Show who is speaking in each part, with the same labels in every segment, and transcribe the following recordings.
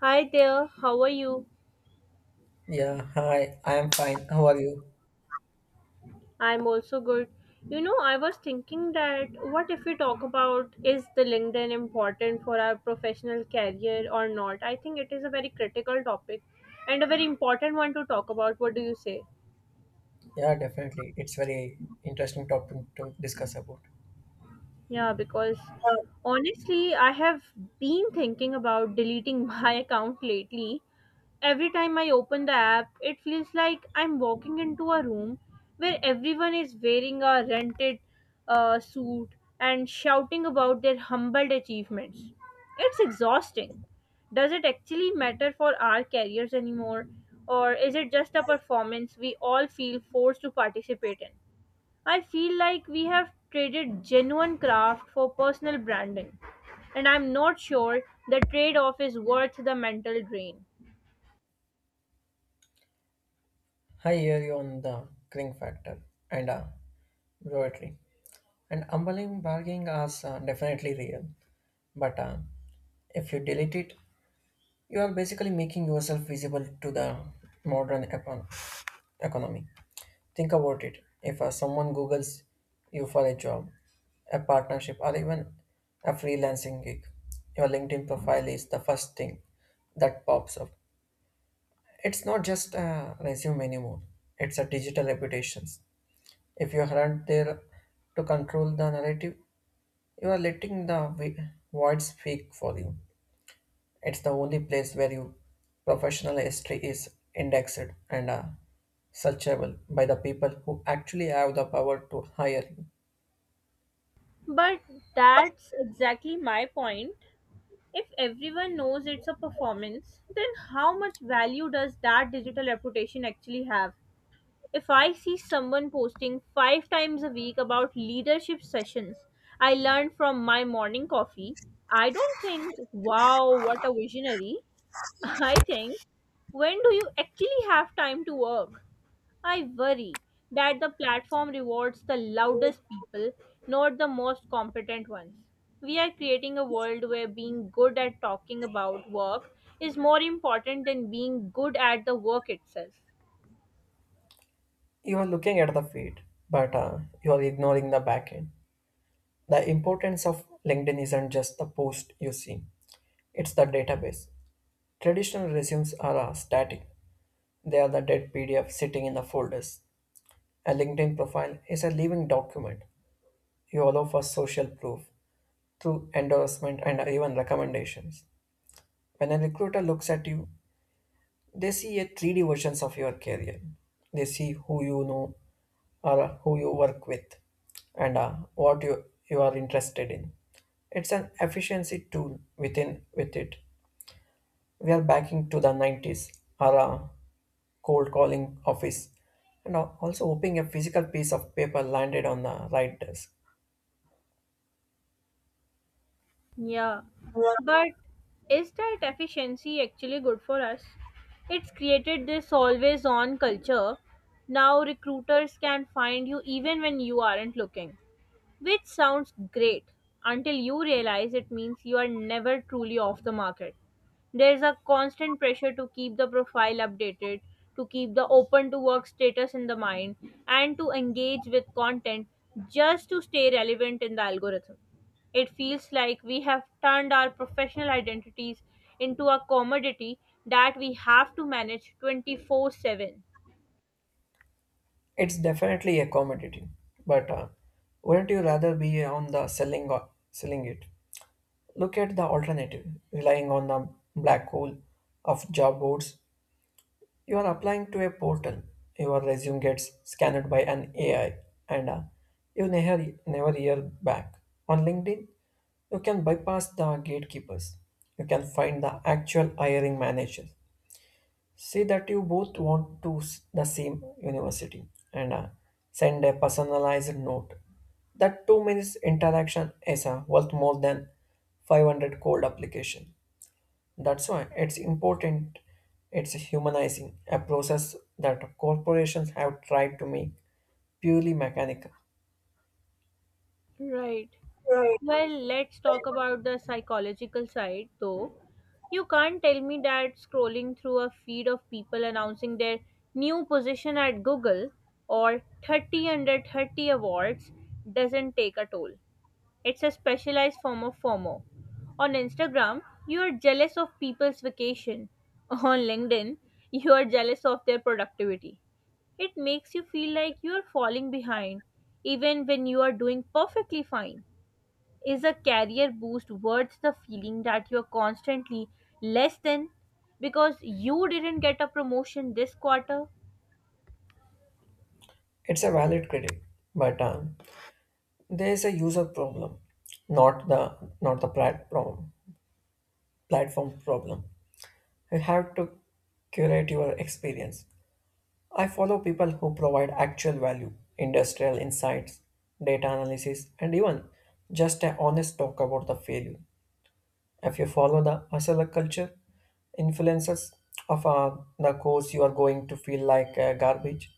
Speaker 1: Hi there, how are you?
Speaker 2: Yeah, hi, I am fine. How are you?
Speaker 1: I'm also good. You know, I was thinking that what if we talk about is the LinkedIn important for our professional career or not? I think it is a very critical topic and a very important one to talk about. What do you say?
Speaker 2: Yeah, definitely. It's very interesting topic to discuss about.
Speaker 1: Yeah, because honestly, I have been thinking about deleting my account lately. Every time I open the app, it feels like I'm walking into a room where everyone is wearing a rented suit and shouting about their humbled achievements. It's exhausting. Does it actually matter for our careers anymore, or is it just a performance we all feel forced to participate in? I feel like we have traded genuine craft for personal branding, and I'm not sure the trade off is worth the mental drain.
Speaker 2: I hear you on the cring factor and poetry. And humbling bargaining is definitely real. But if you delete it, you are basically making yourself visible to the modern economy. Think about it. If someone Googles you for a job, a partnership, or even a freelancing gig, your LinkedIn profile is the first thing that pops up. It's not just a resume anymore, it's a digital reputation. If you aren't there to control the narrative, you are letting the void speak for you. It's the only place where your professional history is indexed and searchable by the people who actually have the power to hire you.
Speaker 1: But that's exactly my point. If everyone knows it's a performance, then how much value does that digital reputation actually have? If I see someone posting five times a week about leadership sessions I learned from my morning coffee, I don't think, wow, what a visionary. I think, when do you actually have time to work? I worry that the platform rewards the loudest people, not the most competent ones. We are creating a world where being good at talking about work is more important than being good at the work itself.
Speaker 2: You are looking at the feed, but you are ignoring the backend. The importance of LinkedIn isn't just the post you see, it's the database. Traditional resumes are static, they are the dead PDF sitting in the folders. A LinkedIn profile is a living document. You allow for social proof through endorsement and even recommendations. When a recruiter looks at you, they see a 3D versions of your career. They see who you know or who you work with and what you are interested in. It's an efficiency tool within with it. We are backing to the 90s or a cold calling office and also hoping a physical piece of paper landed on the right desk.
Speaker 1: Yeah, but is that efficiency actually good for us? It's created this always on culture. Now recruiters can find you even when you aren't looking. Which sounds great until you realize it means you are never truly off the market. There's a constant pressure to keep the profile updated, to keep the open to work status in the mind, and to engage with content just to stay relevant in the algorithm. It feels like we have turned our professional identities into a commodity that we have to manage 24/7.
Speaker 2: It's definitely a commodity, but wouldn't you rather be on the selling or selling it? Look at the alternative, relying on the black hole of job boards. You are applying to a portal, your resume gets scanned by an AI, and you never hear back. On LinkedIn, you can bypass the gatekeepers. You can find the actual hiring manager. See that you both want to the same university and send a personalized note. That 2 minutes interaction is worth more than 500 cold application. That's why it's important. It's humanizing a process that corporations have tried to make purely mechanical.
Speaker 1: Right. Well, let's talk about the psychological side though. You can't tell me that scrolling through a feed of people announcing their new position at Google or 30 under 30 awards doesn't take a toll. It's a specialized form of FOMO. On Instagram, you are jealous of people's vacation. On LinkedIn, you are jealous of their productivity. It makes you feel like you are falling behind, even when you are doing perfectly fine. Is a career boost worth the feeling that you're constantly less than because you didn't get a promotion this quarter?
Speaker 2: It's a valid critic, but there is a user problem, not the problem, platform problem. You have to curate your experience. I follow people who provide actual value, industrial insights, data analysis, and even just an honest talk about the failure. If you follow the hustler culture influences of the course, you are going to feel like garbage.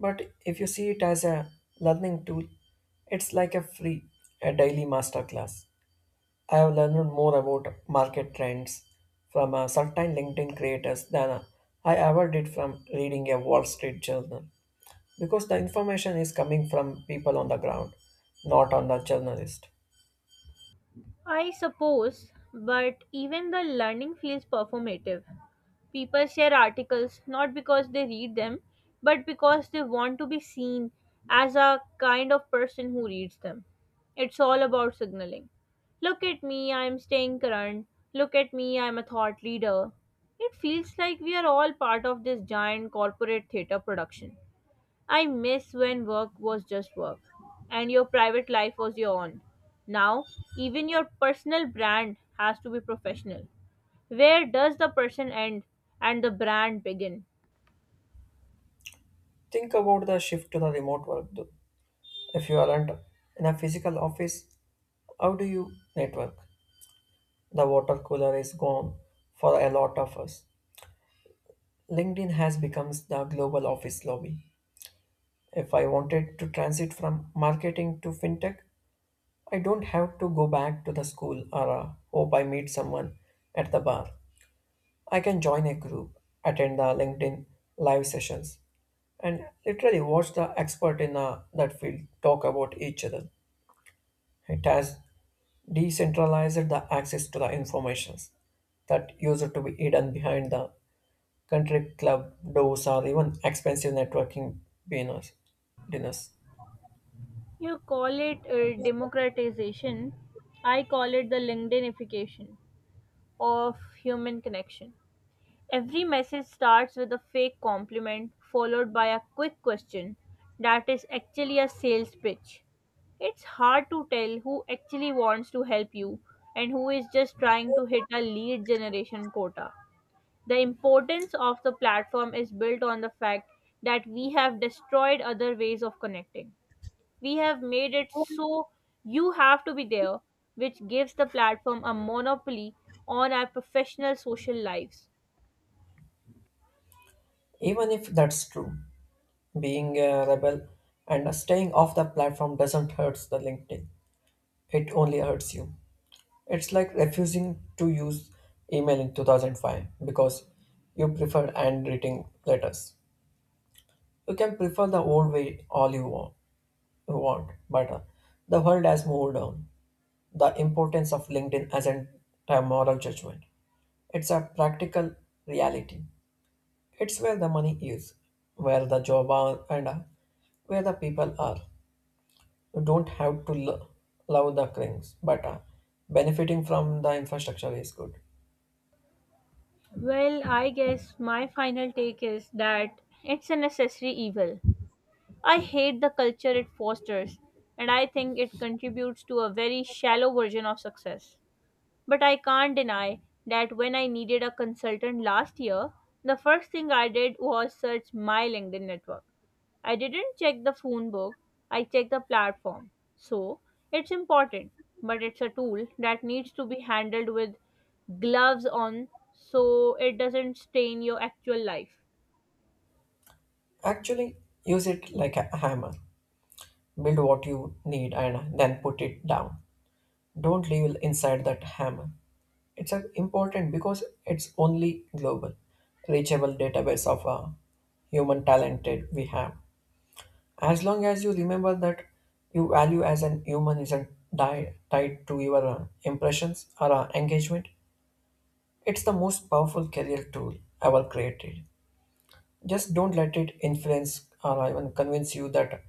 Speaker 2: But if you see it as a learning tool, it's like a free, a daily masterclass. I have learned more about market trends from certain LinkedIn creators than I ever did from reading a Wall Street journal because the information is coming from people on the ground, not on the journalist.
Speaker 1: I suppose, but even the learning feels performative. People share articles not because they read them, but because they want to be seen as a kind of person who reads them. It's all about signaling. Look at me, I'm staying current. Look at me, I'm a thought leader. It feels like we are all part of this giant corporate theater production. I miss when work was just work and your private life was your own. Now, even your personal brand has to be professional. Where does the person end and the brand begin?
Speaker 2: Think about the shift to the remote work though. If you aren't in a physical office, how do you network? The water cooler is gone for a lot of us. LinkedIn has become the global office lobby. If I wanted to transit from marketing to fintech, I don't have to go back to the school or hope I meet someone at the bar. I can join a group, attend the LinkedIn live sessions, and literally watch the expert in that field talk about each other. It has decentralized the access to the informations that used to be hidden behind the country club doors or even expensive networking dinners. dinners.
Speaker 1: You call it democratization. I call it the LinkedInification of human connection. Every message starts with a fake compliment followed by a quick question that is actually a sales pitch. It's hard to tell who actually wants to help you and who is just trying to hit a lead generation quota. The importance of the platform is built on the fact that we have destroyed other ways of connecting. We have made it so you have to be there, which gives the platform a monopoly on our professional social lives.
Speaker 2: Even if that's true, being a rebel and staying off the platform doesn't hurt the LinkedIn. It only hurts you. It's like refusing to use email in 2005 because you preferred handwriting letters. You can prefer the old way all you want, but the world has moved on. The importance of LinkedIn isn't a moral judgment. It's a practical reality. It's where the money is, where the job are, and where the people are. You don't have to love the crinks, but benefiting from the infrastructure is good.
Speaker 1: Well, I guess my final take is that it's a necessary evil. I hate the culture it fosters, and I think it contributes to a very shallow version of success. But I can't deny that when I needed a consultant last year, the first thing I did was search my LinkedIn network. I didn't check the phone book, I checked the platform. So, it's important, but it's a tool that needs to be handled with gloves on so it doesn't stain your actual life.
Speaker 2: Actually, use it like a hammer. Build what you need and then put it down. Don't live inside that hammer. It's important because it's only global, reachable database of human talented we have. As long as you remember that your value as an human isn't tied to your impressions or engagement, it's the most powerful career tool ever created. Just don't let it influence or even convince you that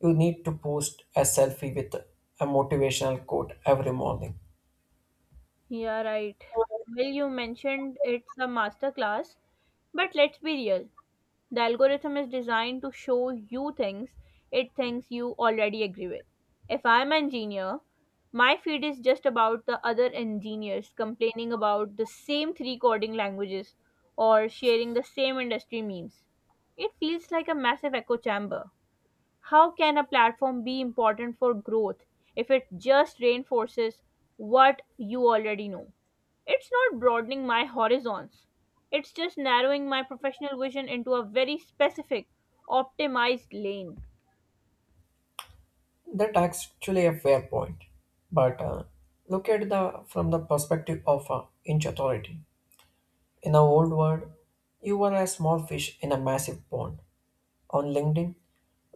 Speaker 2: you need to post a selfie with a motivational quote every morning.
Speaker 1: Yeah, right. Well, you mentioned it's a masterclass, but let's be real. The algorithm is designed to show you things it thinks you already agree with. If I'm an engineer, my feed is just about the other engineers complaining about the same three coding languages or sharing the same industry memes. It feels like a massive echo chamber. How can a platform be important for growth if it just reinforces what you already know? It's not broadening my horizons. It's just narrowing my professional vision into a very specific, optimized lane.
Speaker 2: That's actually a fair point. But look at the from the perspective of inch authority. In the old world, you were a small fish in a massive pond. On LinkedIn,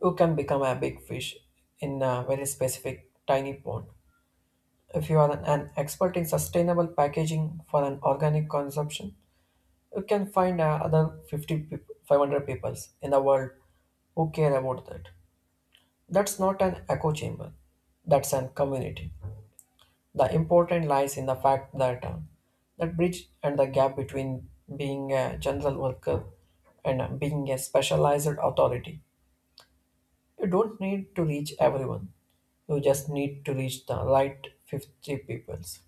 Speaker 2: you can become a big fish in a very specific tiny pond. If you are an expert in sustainable packaging for an organic consumption, you can find other 50, 500 people in the world who care about that. That's not an echo chamber. That's an community. The important lies in the fact that that bridge and the gap between being a general worker and being a specialized authority. You don't need to reach everyone. You just need to reach the right 50 peoples.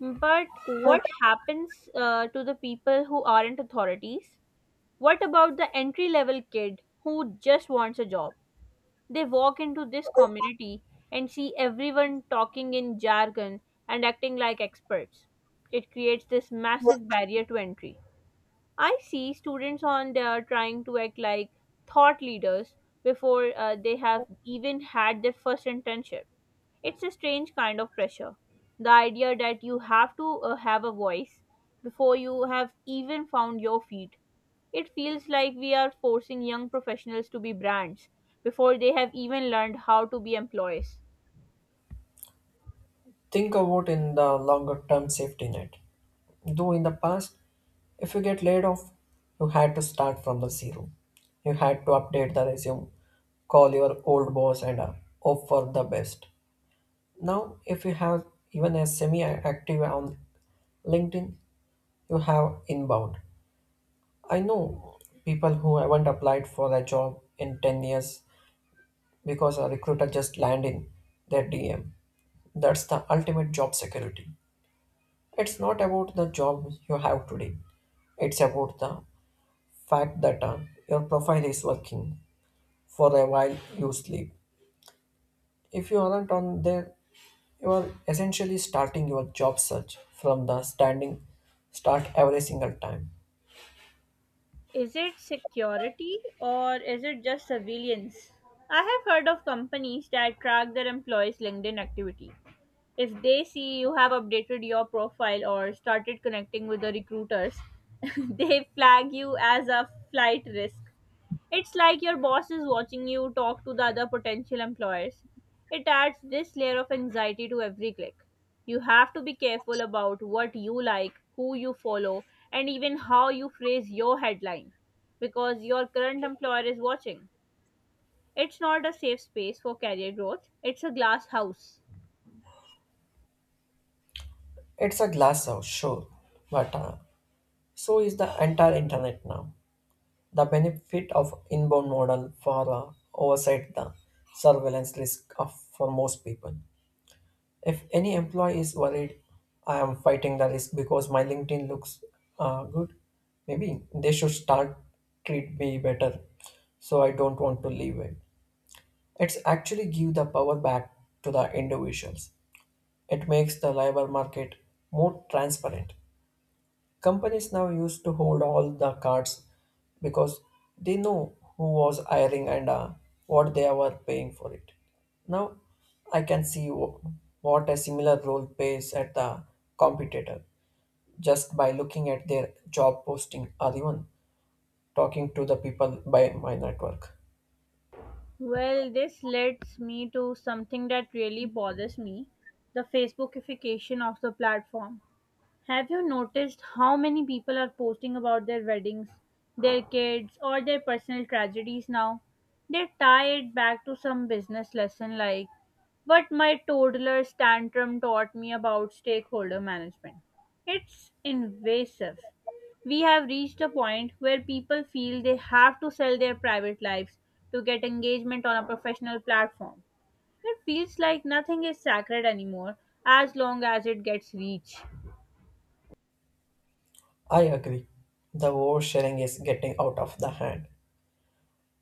Speaker 1: But what happens to the people who aren't authorities? What about the entry level kid who just wants a job? They walk into this community and see everyone talking in jargon and acting like experts. It creates this massive barrier to entry. I see students on there trying to act like thought leaders before they have even had their first internship. It's a strange kind of pressure. The idea that you have to have a voice before you have even found your feet. It feels like we are forcing young professionals to be brands before they have even learned how to be employees.
Speaker 2: Think about in the longer term safety net. Though in the past, if you get laid off, you had to start from the zero. You had to update the resume, call your old boss, and hope for the best. Now, if you have even a semi active on LinkedIn, you have inbound. I know people who haven't applied for a job in 10 years because a recruiter just landed in their DM. That's the ultimate job security. It's not about the job you have today. It's about the fact that your profile is working for a while you sleep. If you aren't on there, you are essentially starting your job search from the standing start every single time.
Speaker 1: Is it security or is it just surveillance? I have heard of companies that track their employees' LinkedIn activity if they see you have updated your profile or started connecting with the recruiters, they flag you as a flight risk. It's like your boss is watching you talk to the other potential employers. It adds this layer of anxiety to every click. You have to be careful about what you like, who you follow, and even how you phrase your headline because your current employer is watching. It's not a safe space for career growth, it's a glass house.
Speaker 2: It's a glass house, sure, but so is the entire internet now. The benefit of inbound model for oversight the surveillance risk of for most people. If any employee is worried, I am fighting the risk because my LinkedIn looks good. Maybe they should start treat me better, so I don't want to leave it. It's actually give the power back to the individuals. It makes the labor market more transparent. Companies now used to hold all the cards because they know who was hiring and what they were paying for it. Now I can see what a similar role pays at the competitor just by looking at their job posting or even talking to the people by my network.
Speaker 1: Well, this leads me to something that really bothers me the Facebookification of the platform. Have you noticed how many people are posting about their weddings, their kids, or their personal tragedies now? They tie it back to some business lesson like what my toddler's tantrum taught me about stakeholder management. It's invasive. We have reached a point where people feel they have to sell their private lives to get engagement on a professional platform. It feels like nothing is sacred anymore as long as it gets reach.
Speaker 2: I agree. The oversharing is getting out of the hand,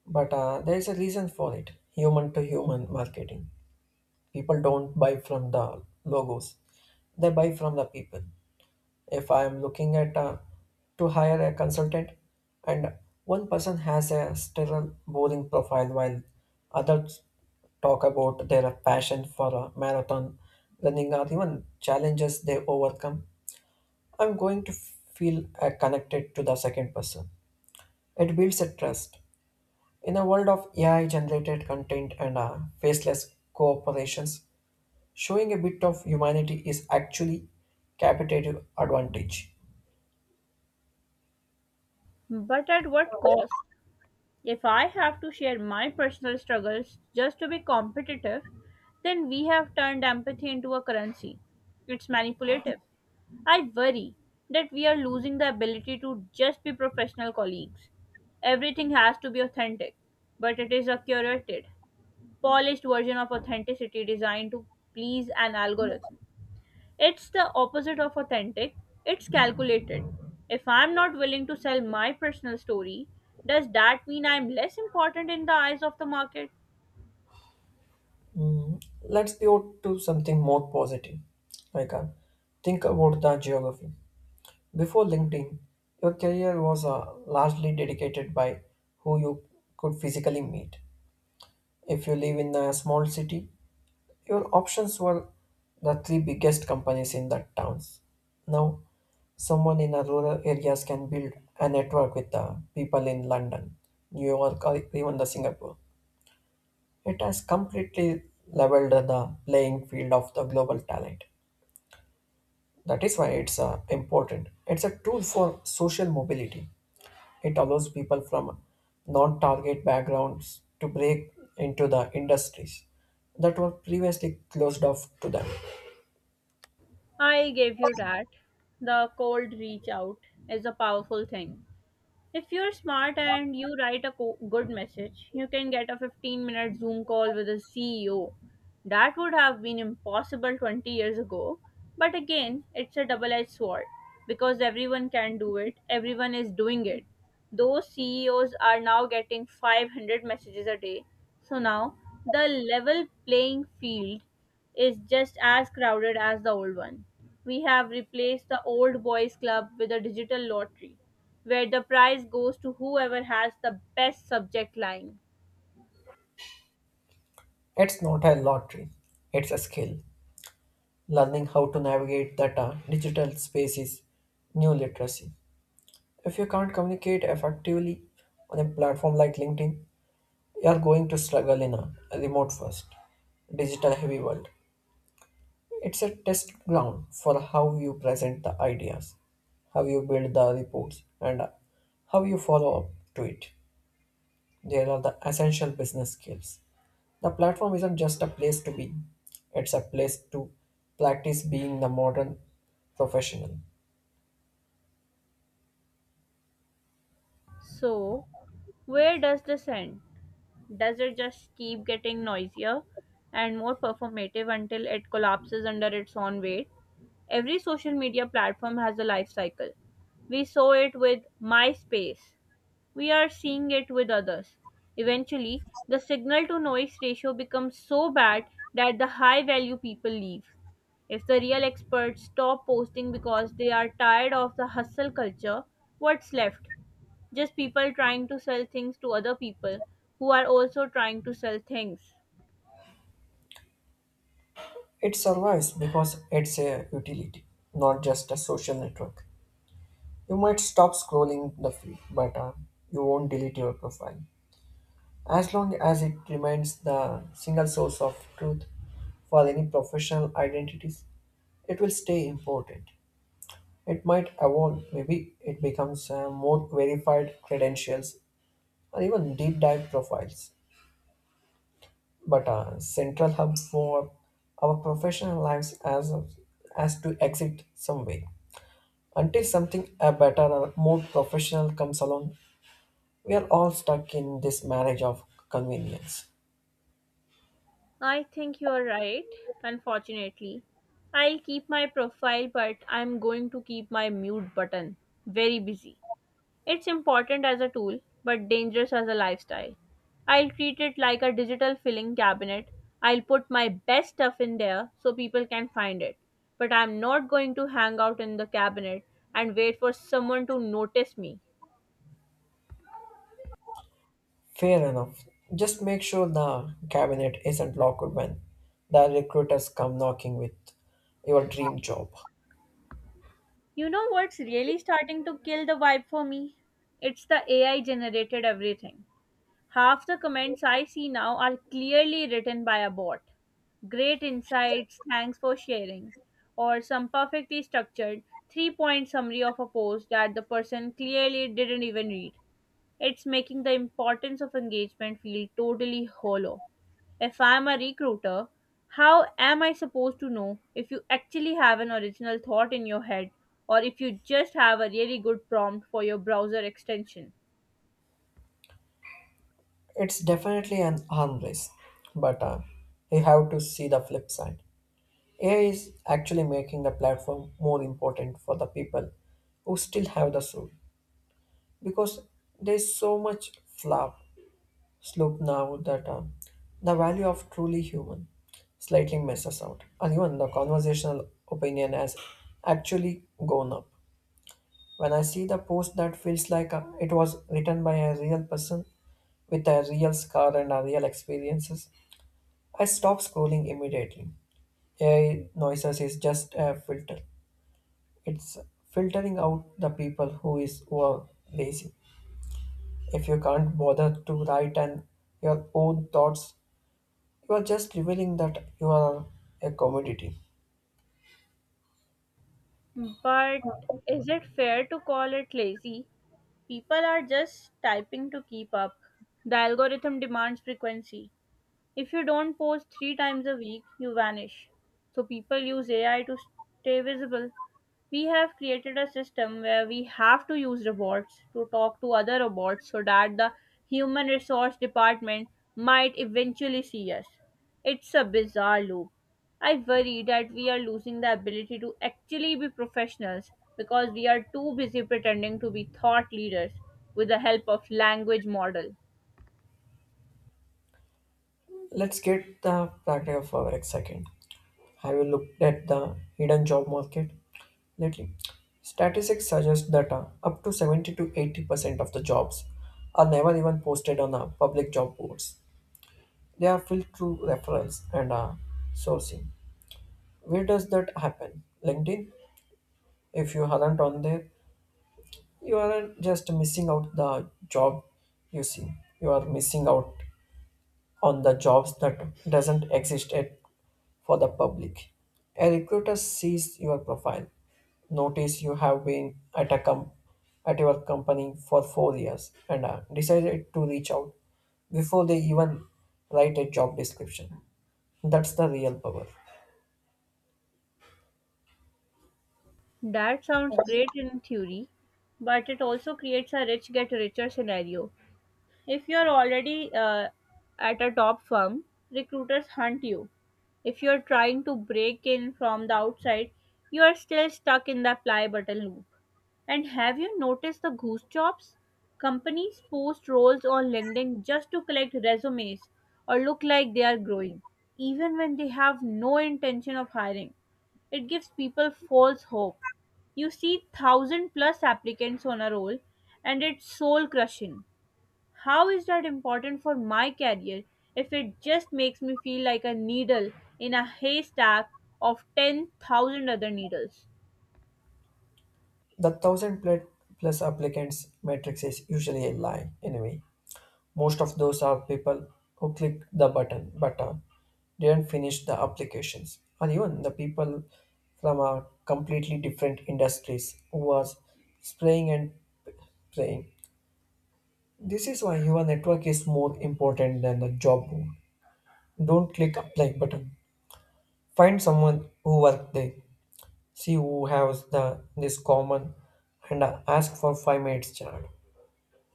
Speaker 2: but there is a reason for it human to human marketing. People don't buy from the logos, they buy from the people. If I am looking at to hire a consultant and one person has a sterile boring profile while others talk about their passion for a marathon running or even challenges they overcome, I'm going to feel connected to the second person. It builds a trust. In a world of AI generated content and faceless cooperations, showing a bit of humanity is actually competitive advantage.
Speaker 1: But at what cost? If I have to share my personal struggles just to be competitive, then we have turned empathy into a currency. It's manipulative. I worry that we are losing the ability to just be professional colleagues. Everything has to be authentic, but it is a curated, polished version of authenticity designed to please an algorithm. It's the opposite of authentic, it's calculated. If I'm not willing to sell my personal story, does that mean I'm less important in the eyes of the market?
Speaker 2: Let's pivot to something more positive. Like, uh, think about the geography. Before LinkedIn, your career was largely dedicated by who you could physically meet. If you live in a small city, your options were the three biggest companies in the towns. Now, someone in a rural areas can build a network with the people in London, New York, or even the Singapore. It has completely leveled the playing field of the global talent. That is why it's important. It's a tool for social mobility. It allows people from non-target backgrounds to break into the industries that were previously closed off to them.
Speaker 1: I gave you that. The cold reach out is a powerful thing. If you're smart and you write a good message, you can get a 15-minute Zoom call with a CEO. That would have been impossible 20 years ago, but again, it's a double edged sword because everyone can do it, everyone is doing it. Those CEOs are now getting 500 messages a day, so now the level playing field is just as crowded as the old one. We have replaced the old boys club with a digital lottery where the prize goes to whoever has the best subject line.
Speaker 2: It's not a lottery, it's a skill. Learning how to navigate data, digital spaces, new literacy. If you can't communicate effectively on a platform like LinkedIn, you're going to struggle in a remote first, digital heavy world. It's a test ground for how you present the ideas, how you build the reports, and how you follow up to it. There are the essential business skills. The platform isn't just a place to be, it's a place to practice being the modern professional.
Speaker 1: So, where does this end? Does it just keep getting noisier and more performative until it collapses under its own weight? Every social media platform has a life cycle. We saw it with MySpace, we are seeing it with others. Eventually, the signal to noise ratio becomes so bad that the high value people leave. If the real experts stop posting because they are tired of the hustle culture, what's left? Just people trying to sell things to other people who are also trying to sell things.
Speaker 2: It survives because it's a utility, not just a social network. You might stop scrolling the feed, but you won't delete your profile. As long as it remains the single source of truth for any professional identities, it will stay important. It might evolve, maybe it becomes more verified credentials or even deep dive profiles. But a central hub for our professional lives as to exit some way. Until something better or more professional comes along, we are all stuck in this marriage of convenience.
Speaker 1: I think you are right, unfortunately. I'll keep my profile, but I'm going to keep my mute button very busy. It's important as a tool, but dangerous as a lifestyle. I'll treat it like a digital filing cabinet. I'll put my best stuff in there so people can find it. But I'm not going to hang out in the cabinet and wait for someone to notice me.
Speaker 2: Fair enough. Just make sure the cabinet isn't locked when the recruiters come knocking with your dream job.
Speaker 1: You know what's really starting to kill the vibe for me? It's the AI generated everything. Half the comments I see now are clearly written by a bot. Great insights, thanks for sharing. Or some perfectly structured three point summary of a post that the person clearly didn't even read. It's making the importance of engagement feel totally hollow. If I'm a recruiter, how am I supposed to know if you actually have an original thought in your head or if you just have a really good prompt for your browser extension?
Speaker 2: It's definitely an arm race, but you have to see the flip side. AI is actually making the platform more important for the people who still have the soul because there's so much flop slope now that the value of truly human slightly messes out, and even the conversational opinion has actually gone up. When I see the post that feels like it was written by a real person with a real scar and a real experiences, I stop scrolling immediately. AI noises is just a filter. It's filtering out the people who are lazy. If you can't bother to write and your own thoughts, you are just revealing that you are a commodity.
Speaker 1: But is it fair to call it lazy? People are just typing to keep up. The algorithm demands frequency. If you don't post three times a week, you vanish. So people use AI to stay visible. We have created a system where we have to use robots to talk to other robots so that the human resource department might eventually see us. It's a bizarre loop. I worry that we are losing the ability to actually be professionals because we are too busy pretending to be thought leaders with the help of language model.
Speaker 2: Let's get the practical for a second. Have you looked at the hidden job market lately? Statistics suggest that up to 70 to 80% of the jobs are never even posted on public job boards. They are filtered through reference and sourcing. Where does that happen? LinkedIn? If you aren't on there, you aren't just missing out the job you see. You are missing out on the jobs that doesn't exist at for the public. A recruiter sees your profile, notice you have been at at your company for 4 years, and decided to reach out before they even write a job description. That's the real power.
Speaker 1: That sounds great in theory, but it also creates a rich get richer scenario. If you're already at a top firm, recruiters hunt you. If you're trying to break in from the outside, you are still stuck in the apply button loop. And have you noticed the goose jobs? Companies post roles on LinkedIn just to collect resumes or look like they are growing, even when they have no intention of hiring. It gives people false hope. You see thousand plus applicants on a roll and it's soul crushing. How is that important for my career if it just makes me feel like a needle in a haystack of 10,000 other needles?
Speaker 2: The thousand plus applicants matrix is usually a lie anyway. Most of those are people who click the button but didn't finish the applications, or even the people from completely different industries who was spraying and praying. This is why your network is more important than the job board. Don't click apply button. Find someone who work there. See who has the this common and ask for 5 minutes chat.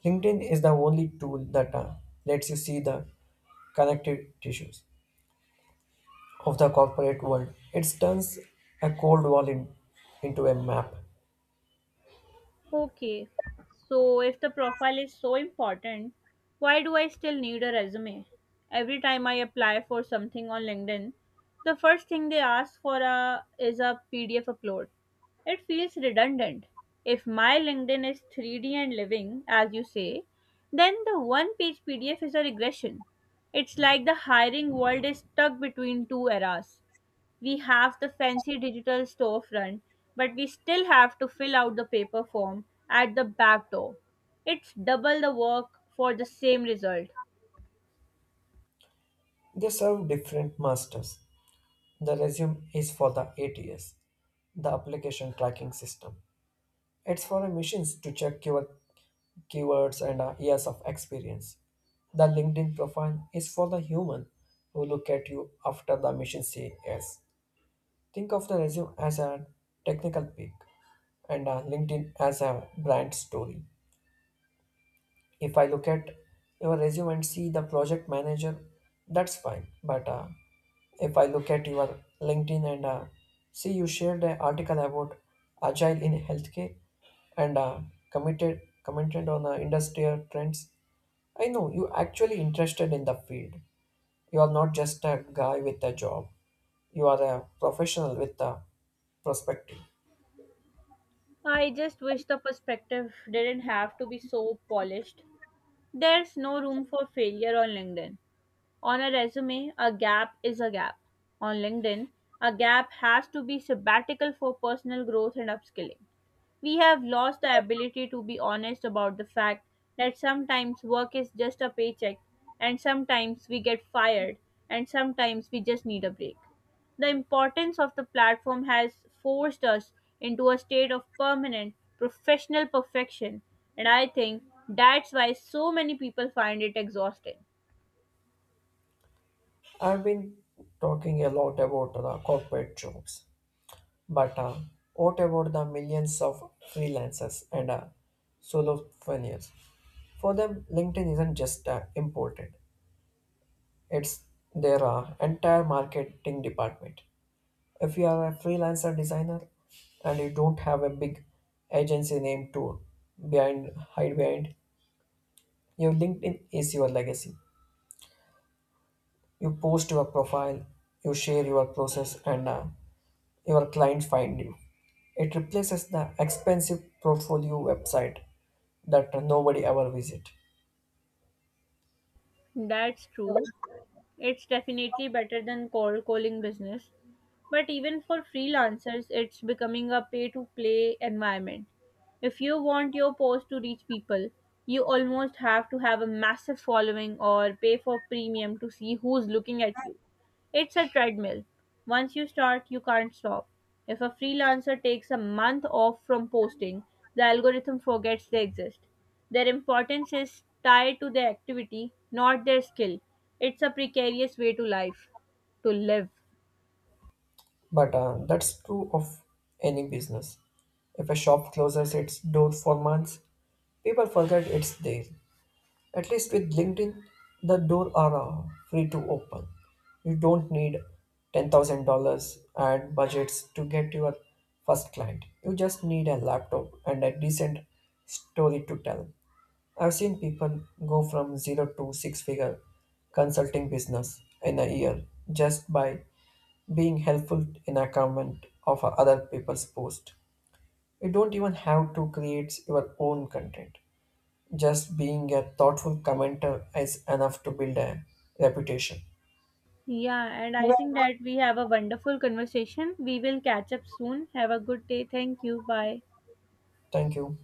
Speaker 2: LinkedIn is the only tool that lets you see the connective tissues of the corporate world. It turns a cold wall in, into a map.
Speaker 1: Okay, so if the profile is so important, why do I still need a resume? Every time I apply for something on LinkedIn, the first thing they ask for a, is a PDF upload. It feels redundant. If my LinkedIn is 3D and living, as you say, then the one page PDF is a regression. It's like the hiring world is stuck between two eras. We have the fancy digital storefront, but we still have to fill out the paper form at the back door. It's double the work for the same result.
Speaker 2: They serve different masters. The resume is for the ATS, the application tracking system. It's for machines to check your keywords and years of experience. The LinkedIn profile is for the human who look at you after the machine say yes. Think of the resume as a technical peak and LinkedIn as a brand story. If I look at your resume and see the project manager, that's fine. But if I look at your LinkedIn and see you shared an article about agile in healthcare and committed commented on industrial trends, I know you actually interested in the field. You are not just a guy with a job. You are a professional with a prospective.
Speaker 1: I just wish the perspective didn't have to be so polished. There's no room for failure on LinkedIn. On a resume, a gap is a gap. On LinkedIn, a gap has to be sabbatical for personal growth and upskilling. We have lost the ability to be honest about the fact that sometimes work is just a paycheck, and sometimes we get fired, and sometimes we just need a break. The importance of the platform has forced us into a state of permanent professional perfection, and I think that's why so many people find it exhausting.
Speaker 2: I've been talking a lot about the corporate jobs, but what about the millions of freelancers and solopreneurs? For them, LinkedIn isn't just important; it's their entire marketing department. If you are a freelancer designer and you don't have a big agency name to behind hide behind, your LinkedIn is your legacy. You post your profile, you share your process, and your client find you. It replaces the expensive portfolio website that nobody ever visit.
Speaker 1: That's true. It's definitely better than cold calling business. But even for freelancers, it's becoming a pay to play environment. If you want your post to reach people, you almost have to have a massive following or pay for premium to see who's looking at you. It's a treadmill. Once you start, you can't stop. If a freelancer takes a month off from posting, the algorithm forgets they exist. Their importance is tied to their activity, not their skill. It's a precarious way to life, to live.
Speaker 2: But that's true of any business. If a shop closes its door for months, people forget it's there. At least with LinkedIn, the door are free to open. You don't need $10,000 ad budgets to get your first client. You just need a laptop and a decent story to tell. I've seen people go from zero to 6 figure consulting business in a year just by being helpful in a comment of other people's post. You don't even have to create your own content. Just being a thoughtful commenter is enough to build a reputation.
Speaker 1: Yeah, and I think that we have a wonderful conversation. We will catch up soon. Have a good day. Thank you. Bye.
Speaker 2: Thank you.